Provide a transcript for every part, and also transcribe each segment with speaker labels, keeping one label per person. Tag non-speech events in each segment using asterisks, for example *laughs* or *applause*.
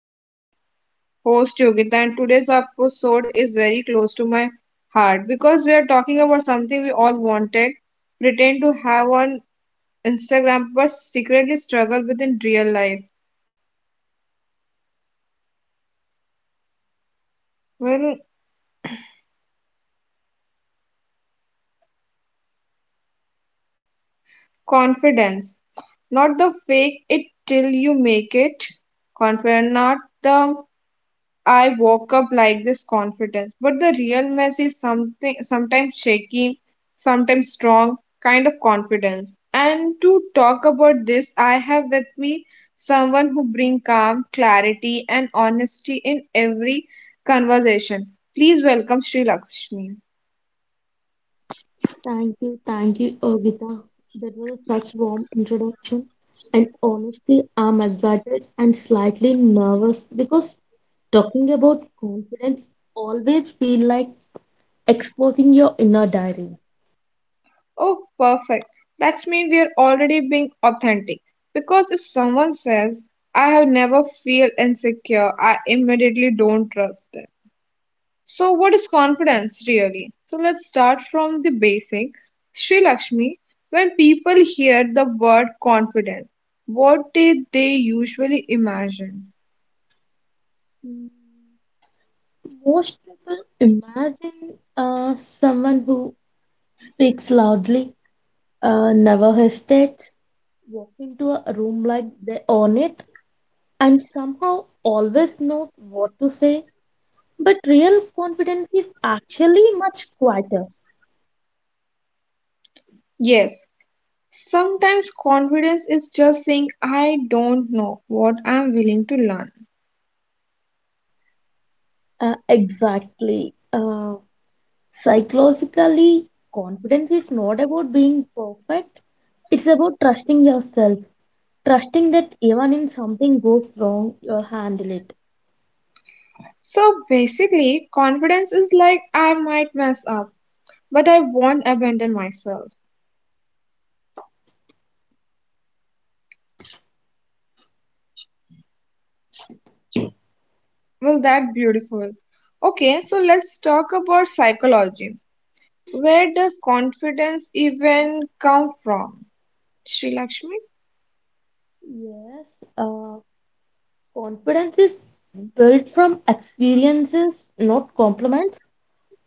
Speaker 1: I'm your host, Yogita, and today's episode is very close to my heart because we are talking about something we all wanted, pretend to have on Instagram, but secretly struggle with in real life. Well, confidence. Not the fake it till you make it confident, not the I woke up like this confidence. But the real mess is something sometimes shaky, sometimes strong kind of confidence. And to talk about this, I have with me someone who bring calm, clarity, and honesty in every conversation. Please welcome Sri Lakshmi.
Speaker 2: Thank you, Ergita. That was such warm introduction. And honestly, I'm excited and slightly nervous because talking about confidence always feel like exposing your inner diary.
Speaker 1: Oh, perfect. That means we're already being authentic. Because if someone says, I have never feel insecure, I immediately don't trust them. So what is confidence really? So let's start from the basic. Sri Lakshmi, when people hear the word confident, what did they usually imagine?
Speaker 2: Mm, most people imagine someone who speaks loudly, never hesitates, walk into a room like they own it, and somehow always know what to say. But real confidence is actually much quieter.
Speaker 1: Yes, sometimes confidence is just saying I don't know what I'm willing to learn.
Speaker 2: Exactly. Psychologically, confidence is not about being perfect, it's about trusting yourself, trusting that even if something goes wrong, you'll handle it.
Speaker 1: So basically, confidence is like I might mess up, but I won't abandon myself. Well, that beautiful. Okay, so let's talk about psychology. Where does confidence even come from? Sri Lakshmi?
Speaker 2: Yes, uh, confidence is built from experiences, not compliments.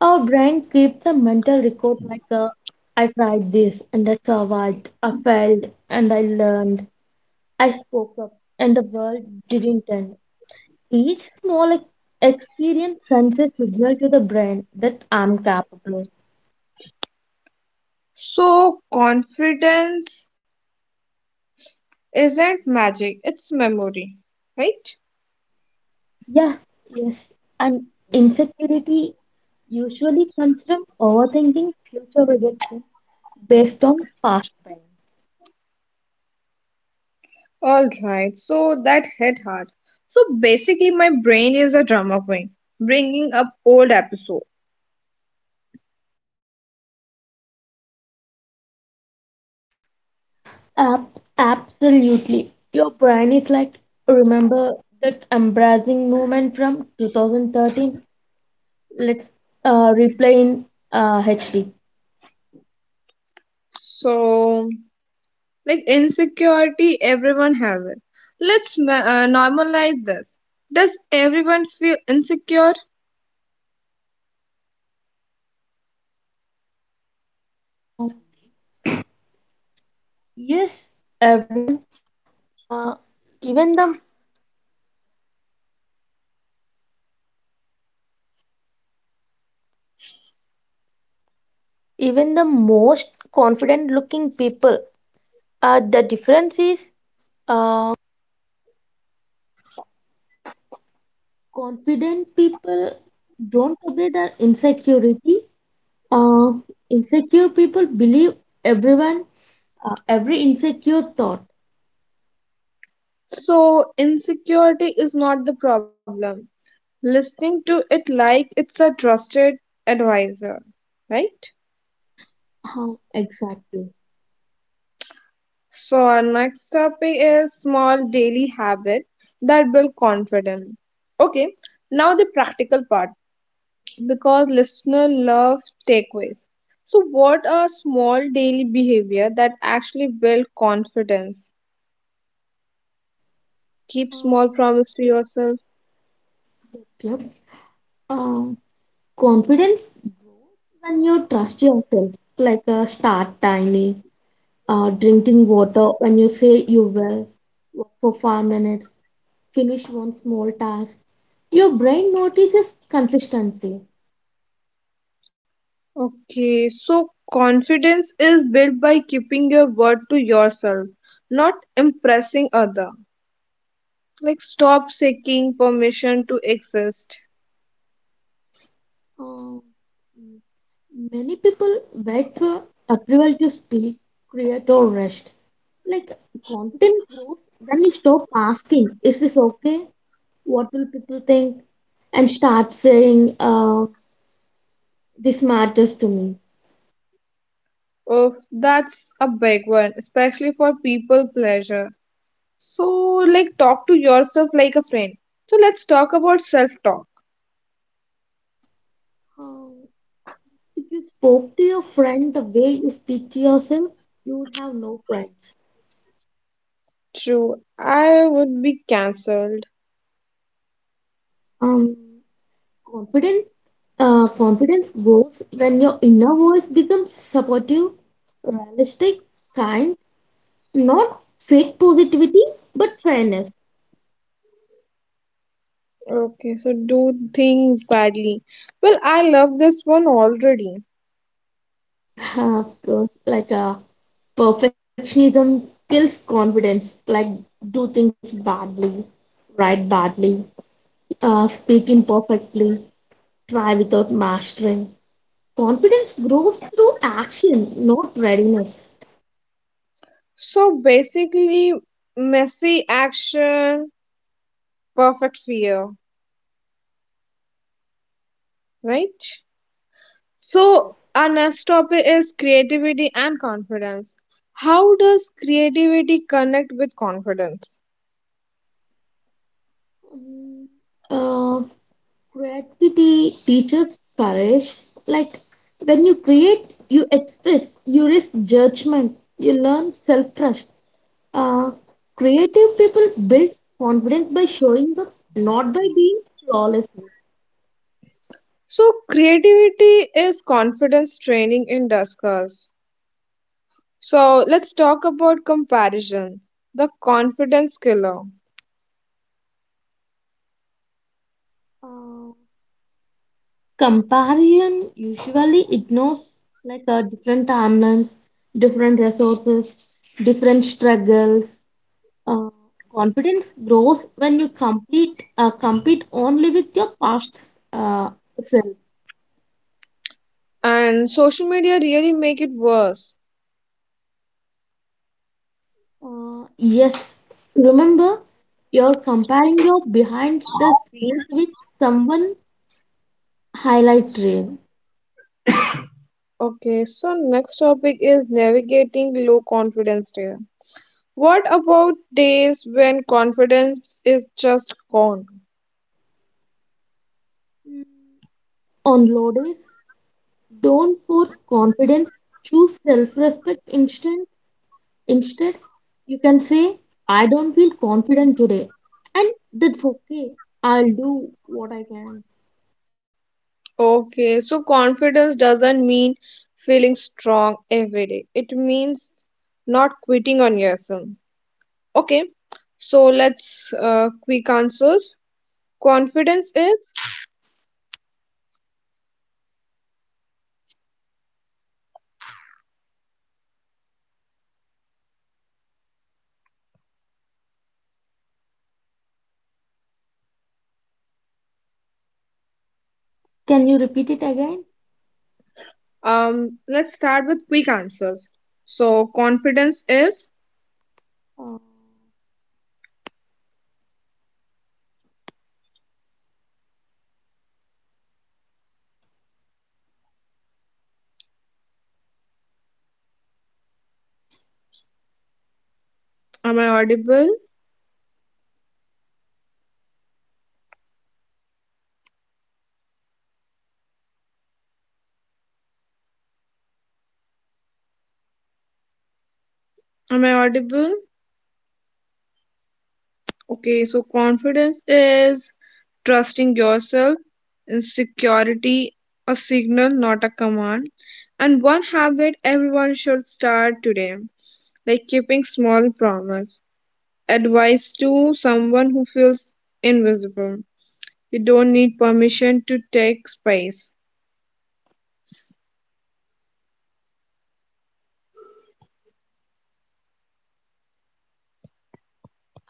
Speaker 2: Our brain keeps a mental record like, I tried this and I survived, I failed and I learned. I spoke up, and the world didn't end. Each small experience sends a signal to the brain that I'm capable.
Speaker 1: So confidence isn't magic, it's memory, right?
Speaker 2: Yeah, yes, and insecurity usually comes from overthinking future rejection based on past pain.
Speaker 1: All right, so that hit hard. So basically, my brain is a drama queen, bringing up old episodes.
Speaker 2: Absolutely. Your brain is like, remember that embarrassing moment from 2013? Let's replay in HD.
Speaker 1: So like insecurity, everyone has it. Let's normalize this. Does everyone feel insecure?
Speaker 2: Uh, yes. Confident people don't obey their insecurity. uh, Insecure people believe everyone, every insecure thought.
Speaker 1: So, insecurity is not the problem. Listening to it like it's a trusted advisor, right?
Speaker 2: Uh, exactly.
Speaker 1: So, our next topic is small daily habit that build confidence. Okay, now the practical part. Because listener love takeaways. So, what are small daily behavior that actually build confidence? Keep small
Speaker 2: Uh,
Speaker 1: promise to yourself.
Speaker 2: yep. uh, Confidence when you trust yourself, like, start tiny. Drinking water when you say you will, walk for 5 minutes, finish one small task. Your brain notices consistency.
Speaker 1: Okay, so confidence is built by keeping your word to yourself, not impressing other. Like stop seeking permission to exist.
Speaker 2: Uh, Many people wait for approval to speak, create, or rest. Like, confidence grows when you stop asking, "Is this okay? What will people think?" and start saying, uh, "This matters to me."
Speaker 1: Oh, that's a big one, especially for people pleasure. So like talk to yourself like a friend. So let's talk about self-talk.
Speaker 2: Uh, if you spoke to your friend the way you speak to yourself, you would have no friends.
Speaker 1: True, I would be cancelled.
Speaker 2: Um, confidence, confidence grows when your inner voice becomes supportive, realistic, kind, not fake positivity, but fairness.
Speaker 1: Okay, so do things badly. Well, I love this one already.
Speaker 2: Like, perfectionism kills confidence. Like, do things badly, write badly, speak imperfectly, try without mastering. Confidence grows through action, not readiness.
Speaker 1: So basically, messy action, perfect fear, right? So our next topic is creativity and confidence. How does creativity connect with confidence?
Speaker 2: Mm. Uh, Creativity teaches courage. Like, when you create, you express, you risk judgment, you learn self trust. Uh, creative people build confidence by showing up, not by being flawless.
Speaker 1: So creativity is confidence training in discourse. So let's talk about comparison, the confidence killer,
Speaker 2: Uh, comparison usually ignores, like, different timelines, different resources, different struggles. Uh, Confidence grows when you complete compete only with your past, uh, self.
Speaker 1: and social media really make it worse.
Speaker 2: Yes, remember, you're comparing your behind the scenes with someone highlight reel.
Speaker 1: Okay, so next topic is navigating low confidence day. What about days when confidence is just gone?
Speaker 2: Mm. On low days, don't force confidence. Choose self-respect instead. Instead, you can say, "I don't feel confident today," and that's okay. I'll do what I can.
Speaker 1: Okay, so confidence doesn't mean feeling strong every day. It means not quitting on yourself. Okay, so let's quick answers. Confidence is.
Speaker 2: Can you repeat it again?
Speaker 1: Let's start with quick answers. So confidence is
Speaker 2: Uh,
Speaker 1: am I audible? Am I audible? Okay, so confidence is trusting yourself and security a signal, not a command. And one habit everyone should start today, like keeping small promise. Advice to someone who feels invisible. You don't need permission to take space.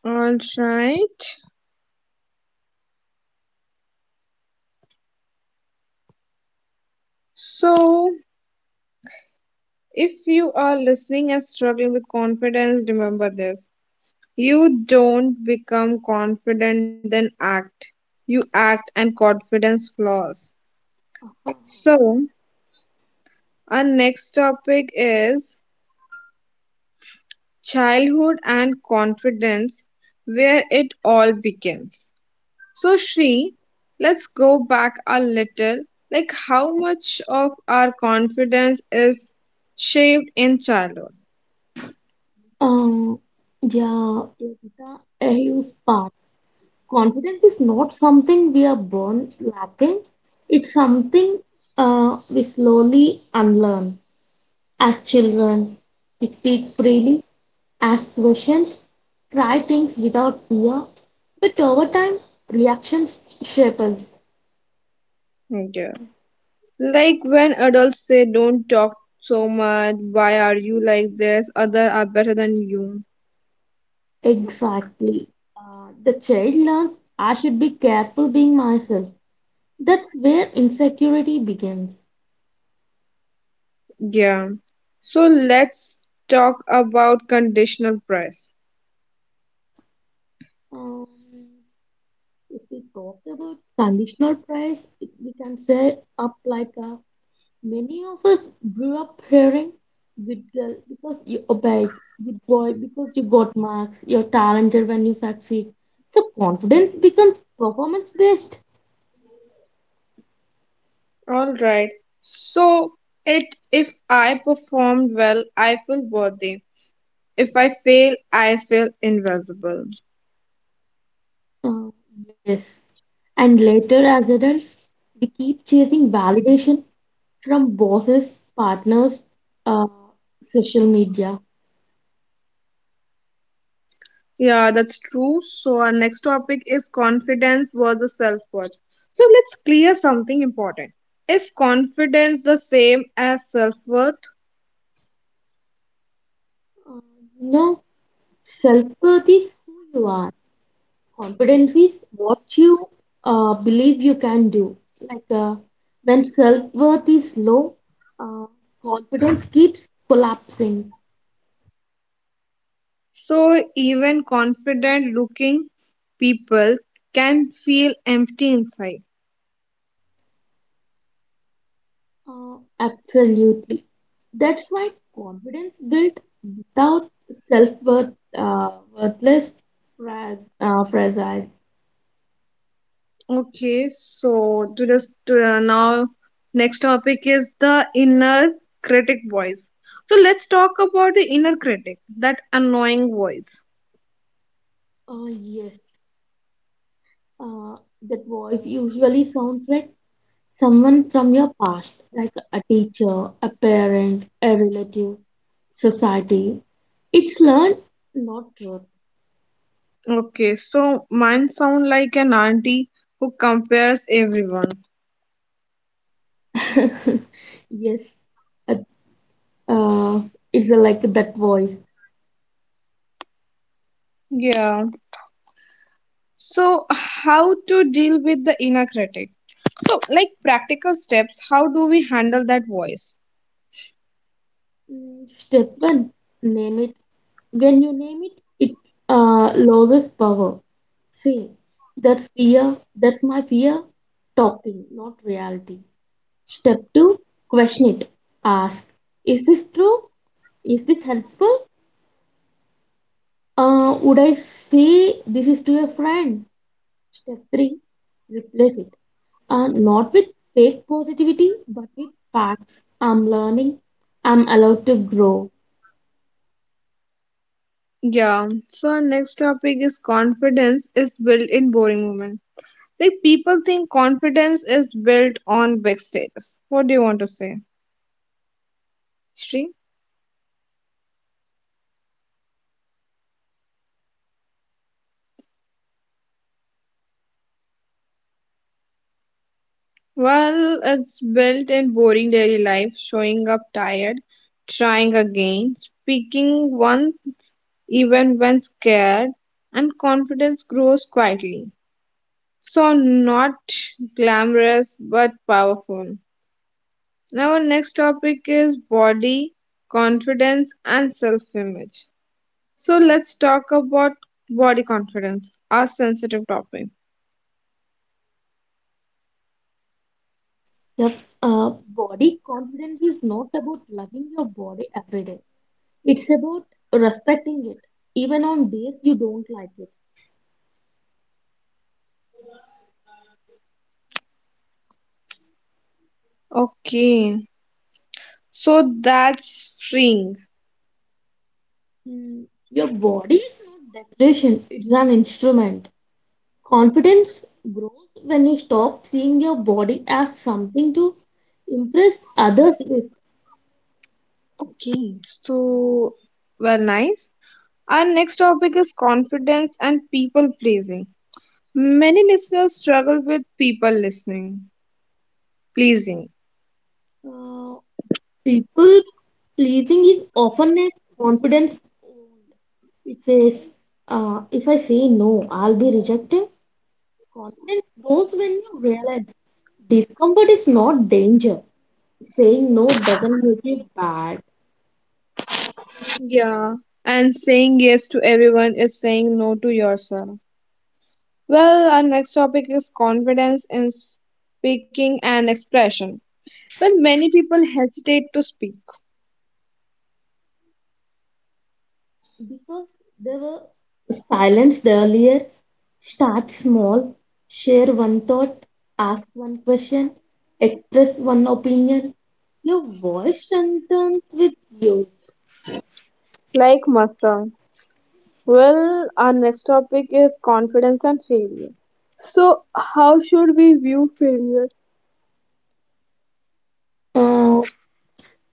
Speaker 1: All right. So if you are listening and struggling with confidence, remember this. You don't become confident, then act. You act, and confidence flows. So, our next topic is childhood and confidence, where it all begins. So, Shri, let's go back a little. Like, how much of our confidence is shaped in childhood?
Speaker 2: Um, yeah, Yogita, a huge part. Confidence is not something we are born lacking. It's something, we slowly unlearn. As children, we speak freely, ask questions, try things without fear. But over time, reactions shape us.
Speaker 1: Yeah. Like when adults say, don't talk so much, why are you like this? Other are better than you.
Speaker 2: Exactly. The child learns, I should be careful being myself. That's where insecurity begins.
Speaker 1: Yeah. So let's talk about conditional price.
Speaker 2: Um, If we talk about conditional praise, we can say up like a, many of us grew up hearing good girl because you obeyed, good boy because you got marks, you're talented when you succeed. So confidence becomes performance based.
Speaker 1: All right. So it if I performed well, I feel worthy. If I fail, I feel invisible.
Speaker 2: Uh, yes. And later, as adults, we keep chasing validation from bosses, partners, uh, social media.
Speaker 1: Yeah, that's true. So our next topic is confidence versus self-worth. So let's clear something important. Is confidence the same as self-worth?
Speaker 2: Uh, no, self worth is who you are. Confidence is what you believe you can do. Like, when self worth is low, uh, confidence keeps collapsing.
Speaker 1: So even confident-looking people can feel empty inside.
Speaker 2: Absolutely. That's why confidence built without self worth, uh, worthless, fragile.
Speaker 1: Okay, so now next topic is the inner critic voice. So let's talk about the inner critic, that annoying voice.
Speaker 2: Yes, uh, that voice usually sounds like someone from your past, like a teacher, a parent, a relative, society. It's learned, not truth.
Speaker 1: Okay, so mine sound like an auntie who compares everyone.
Speaker 2: *laughs* Yes, uh, uh, it's, like that voice.
Speaker 1: Yeah. So how to deal with the inner critic? So like practical steps, how do we handle that voice?
Speaker 2: Mm, step one, name it. When you name it, it loses power. See, that's fear. That's my fear. Talking, not reality. Step two, question it. Ask, is this true? Is this helpful? Would I say this is to a friend? Step 3, replace it. Not with fake positivity, but with facts. I'm learning. I'm allowed to grow.
Speaker 1: Yeah. So our next topic is confidence is built in boring moments. Like people think confidence is built on big stages. What do you want to say, Shri? Well, it's built in boring daily life, showing up tired, trying again, speaking once even when scared, and confidence grows quietly. So not glamorous but powerful. Now, our next topic is body confidence and self image. So, let's talk about body confidence, a sensitive topic.
Speaker 2: Your body confidence is not about loving your body every day, it's about respecting it, even on days you don't like it.
Speaker 1: Okay, so that's freeing.
Speaker 2: Mm, your body is not decoration, it's an instrument. Confidence grows when you stop seeing your body as something to impress others with.
Speaker 1: Okay, so well, nice. Our next topic is confidence and people pleasing. Many listeners struggle with people listening, pleasing.
Speaker 2: Uh, people pleasing is often a confidence wound. It says, if I say no, I'll be rejected. Confidence grows when you realize discomfort is not danger. Saying no doesn't make you bad.
Speaker 1: Yeah, and saying yes to everyone is saying no to yourself. Well, our next topic is confidence in speaking and expression. Well, many people hesitate to speak.
Speaker 2: Because they were silenced earlier. Start small, share one thought, ask one question, express one opinion. Your voice strengthens with yours.
Speaker 1: Like Mustang. Well, our next topic is confidence and failure. So, how should we view failure?
Speaker 2: uh,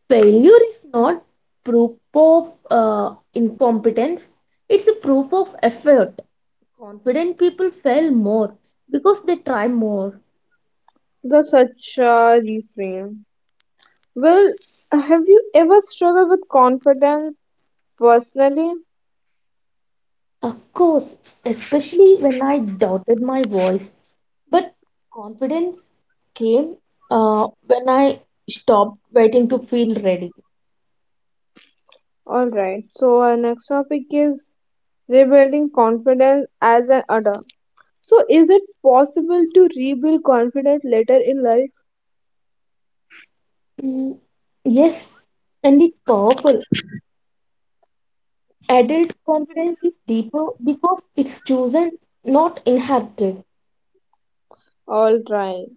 Speaker 2: Failure is not proof of incompetence, it's a proof of effort. Confident people fail more because they try more.
Speaker 1: The such a reframe. Well, have you ever struggled with confidence personally?
Speaker 2: Of course, especially when I doubted my voice. But confidence came when I stopped waiting to feel ready.
Speaker 1: All right. So, our next topic is rebuilding confidence as an adult. So, is it possible to rebuild confidence later in life?
Speaker 2: Mm, yes, and it's powerful. Adult confidence is deeper because it's chosen, not inherited.
Speaker 1: All right.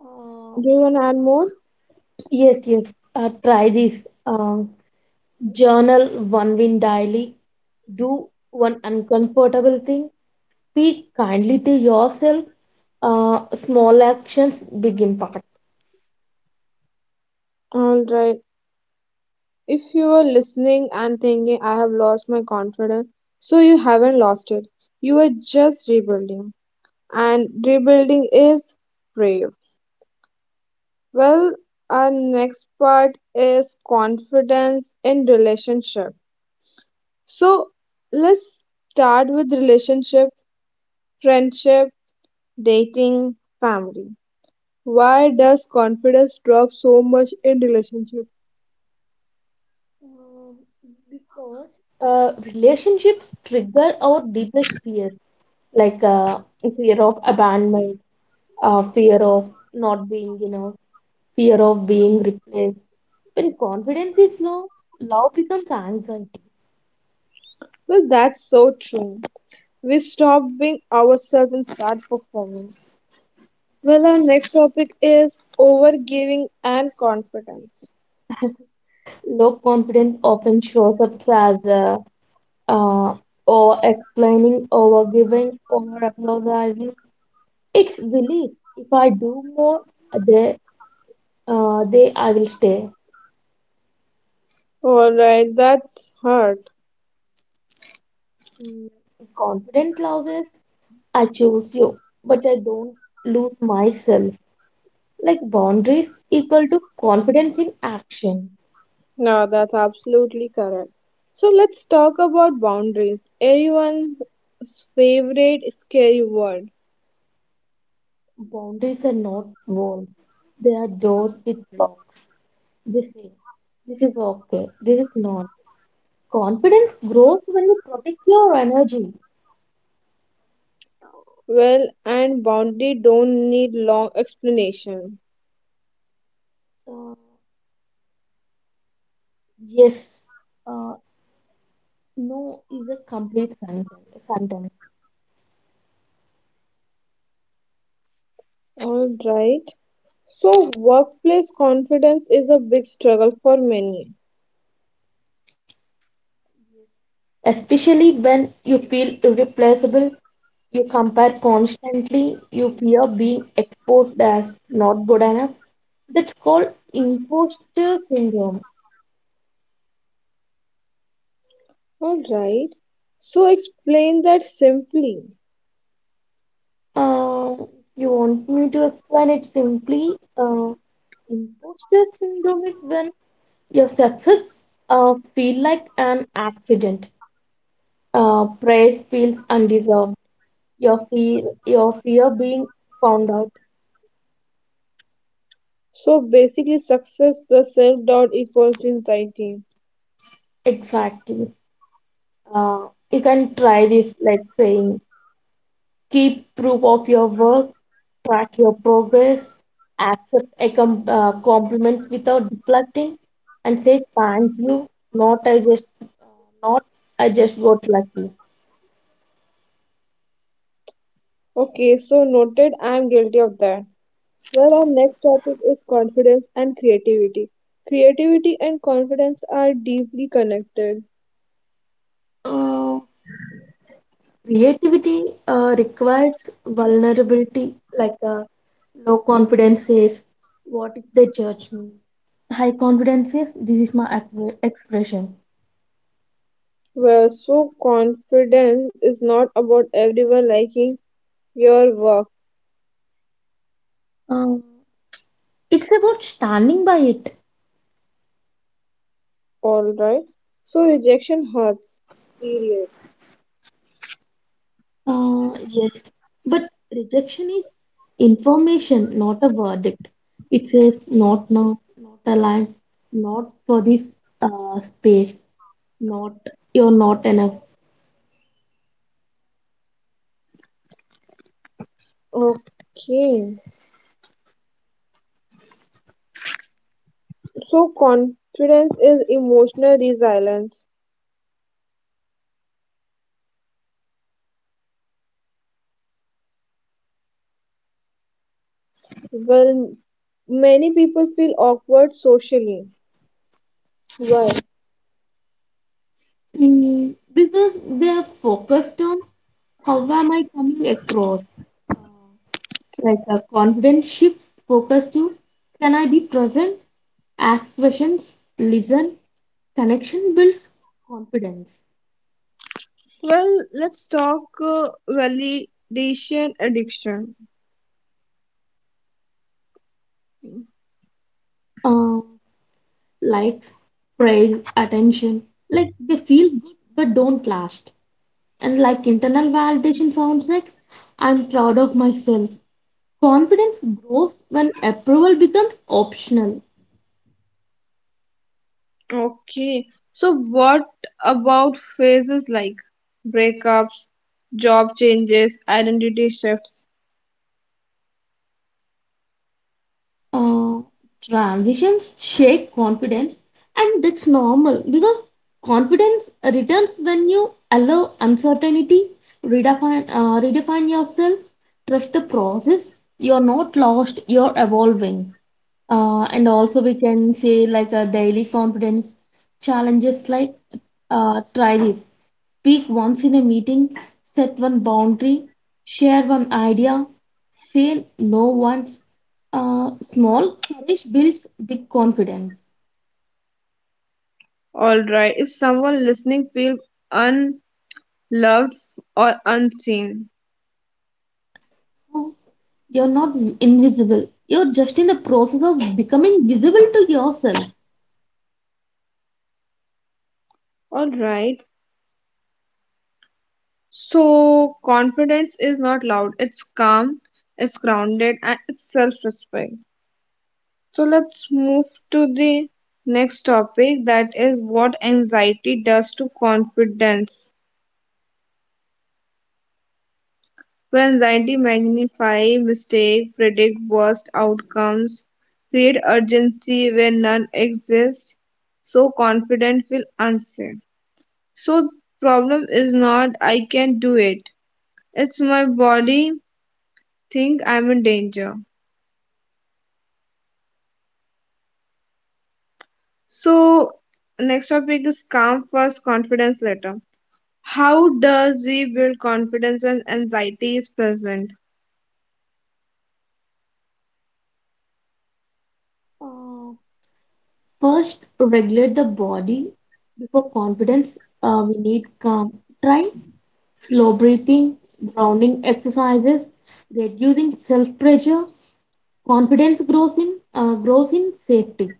Speaker 2: Uh,
Speaker 1: Do you want to add more?
Speaker 2: yes, yes. Try this. Journal one win daily. Do one uncomfortable thing. Speak kindly to yourself. Small actions, big impact.
Speaker 1: All right. If you are listening and thinking, I have lost my confidence, so you haven't lost it. You are just rebuilding. And rebuilding is brave. Well, our next part is confidence in relationship. So, let's start with relationship, friendship, dating, family. Why does confidence drop so much in relationship?
Speaker 2: Um, because, relationships trigger our deepest fears, like, fear of abandonment, fear of not being enough, fear of being replaced. When confidence is low, love becomes anxiety.
Speaker 1: Well, that's so true. We stop being ourselves and start performing. Well, our next topic is overgiving and confidence.
Speaker 2: Low confidence often shows up as, uh, over explaining, over giving, over apologizing. It's belief. If I do more, they, they I will stay.
Speaker 1: All right, that's hard.
Speaker 2: Mm, confident clauses, I choose you, but I don't lose myself. Like, boundaries equal to confidence in action.
Speaker 1: No, that's absolutely correct. So let's talk about boundaries, everyone's favorite scary word.
Speaker 2: Boundaries are not walls, they are doors with locks. They say, this is okay, this is not. Confidence grows when you protect your energy.
Speaker 1: Well, and boundary don't need long explanation.
Speaker 2: Uh, yes, uh, no is a complete sentence,
Speaker 1: All right. So, workplace confidence is a big struggle for many.
Speaker 2: Especially when you feel irreplaceable. You compare constantly, you fear being exposed as not good enough. That's called imposter syndrome.
Speaker 1: All right. So, explain that simply.
Speaker 2: Uh, you want me to explain it simply? Imposter syndrome is when your success feel like an accident. Praise feels undeserved. Your fear being found out.
Speaker 1: So, basically, success plus self doubt equals anxiety.
Speaker 2: Exactly. You can try this, like saying, keep proof of your work, track your progress, accept compliments without deflecting, and say thank you. Not I just, not I just got lucky.
Speaker 1: Okay, so noted, I am guilty of that. Well, our next topic is confidence and creativity. Creativity and confidence are deeply connected.
Speaker 2: Uh, Creativity requires vulnerability. Like, low confidence says, what if they judge me? High confidence says, this is my expression.
Speaker 1: Well, so confidence is not about everyone liking your work,
Speaker 2: Um, it's about standing by it.
Speaker 1: all right? So, rejection hurts. Period.
Speaker 2: Yes, but rejection is information, not a verdict. It says not now, not aligned, not for this, space, not you're not enough.
Speaker 1: Okay. So confidence is emotional resilience. Well, many people feel awkward socially. Why?
Speaker 2: Mm, because they're focused on how am I coming across? Like a confidence shifts focus to, can I be present, ask questions, listen, connection builds confidence.
Speaker 1: Well, let's talk validation addiction.
Speaker 2: Um, likes, praise, attention. Like, they feel good but don't last. And like, internal validation sounds like I'm proud of myself. Confidence grows when approval becomes optional.
Speaker 1: Okay. So what about phases like breakups, job changes, identity shifts?
Speaker 2: uh, Transitions shake confidence, and that's normal because confidence returns when you allow uncertainty, redefine yourself, trust the process. You're not lost, you're evolving. And also, we can say like a daily confidence challenges like, try this. Speak once in a meeting, set one boundary, share one idea, say no once. Small courage builds big confidence.
Speaker 1: All right. If someone listening feels unloved or unseen.
Speaker 2: Oh, you're not invisible. You're just in the process of becoming visible to yourself.
Speaker 1: All right. So, confidence is not loud, it's calm, it's grounded, and it's self respect. So, let's move to the next topic that is what anxiety does to confidence. When anxiety magnifies mistake, predict worst outcomes, create urgency where none exists, so confident feel unsafe. So, problem is not I can do it. It's my body think I'm in danger. So next topic is calm first, confidence later. How does we build confidence when anxiety is present?
Speaker 2: Uh, first, regulate the body before confidence. We need calm. Try slow breathing, grounding exercises, reducing self pressure. Confidence grows in safety.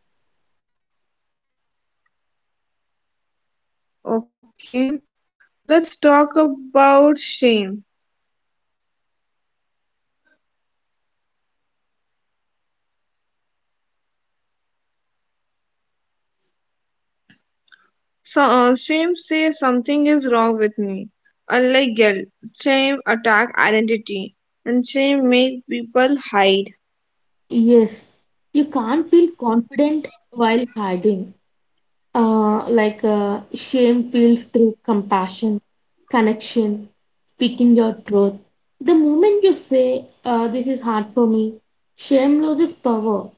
Speaker 1: Okay, let's talk about shame. So shame says something is wrong with me. Unlike guilt, shame attack identity, and shame make people hide.
Speaker 2: Yes, you can't feel confident while hiding. Like, shame feels through compassion, connection, speaking your truth. The moment you say, "This is hard for me," shame loses power.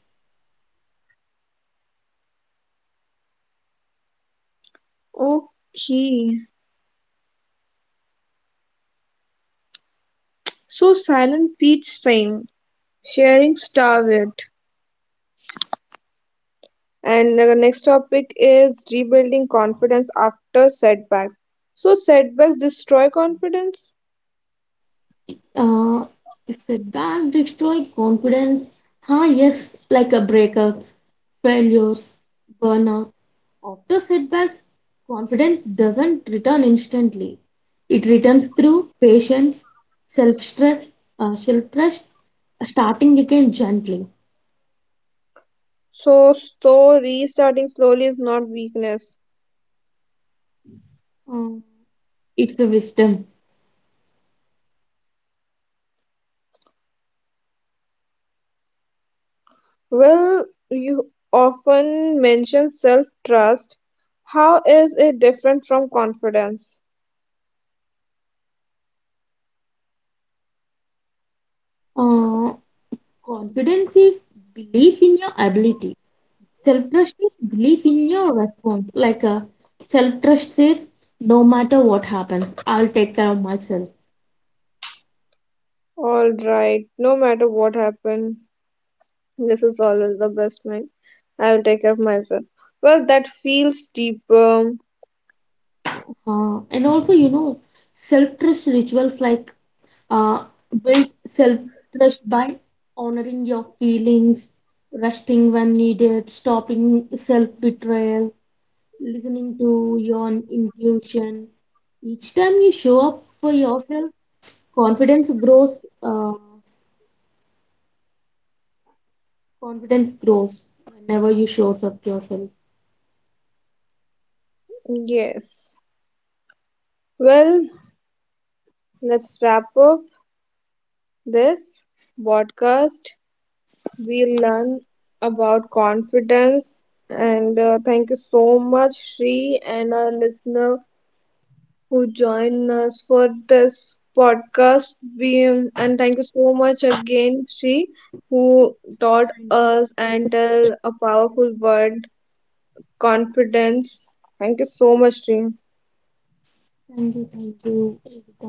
Speaker 1: Okay, so silent feeds shame. Sharing starve it. And the next topic is rebuilding confidence after setbacks. So setbacks destroy confidence.
Speaker 2: Uh, setback destroy confidence. Ah, yes, like a breakups, failures, burnout. After setbacks, confidence doesn't return instantly. It returns through patience, self stress, self trust, starting again gently.
Speaker 1: So restarting slowly is not weakness.
Speaker 2: Uh, it's a wisdom.
Speaker 1: Well, you often mention self-trust. How is it different from confidence?
Speaker 2: Uh, confidence is belief in your ability. Self trust is belief in your response. Like, self trust says, no matter what happens, I'll take care of myself.
Speaker 1: All right, no matter what happened, this is always the best line. I will take care of myself. Well, that feels deeper.
Speaker 2: And also, you know, self trust rituals like, Uh, build self trust by honoring your feelings, resting when needed, stopping self betrayal, listening to your intuition. Each time you show up for yourself, confidence grows. Confidence grows whenever you shows up yourself.
Speaker 1: Yes. Well, let's wrap up. This podcast we learn about confidence and thank you so much Shri and our listener who joined us for this podcast we, and thank you so much again Shri who
Speaker 2: Thank
Speaker 1: taught
Speaker 2: you. Thank
Speaker 1: us
Speaker 2: you.
Speaker 1: and tell a powerful word confidence, thank you so much Shri.
Speaker 2: Thank you. Thank you. Evita.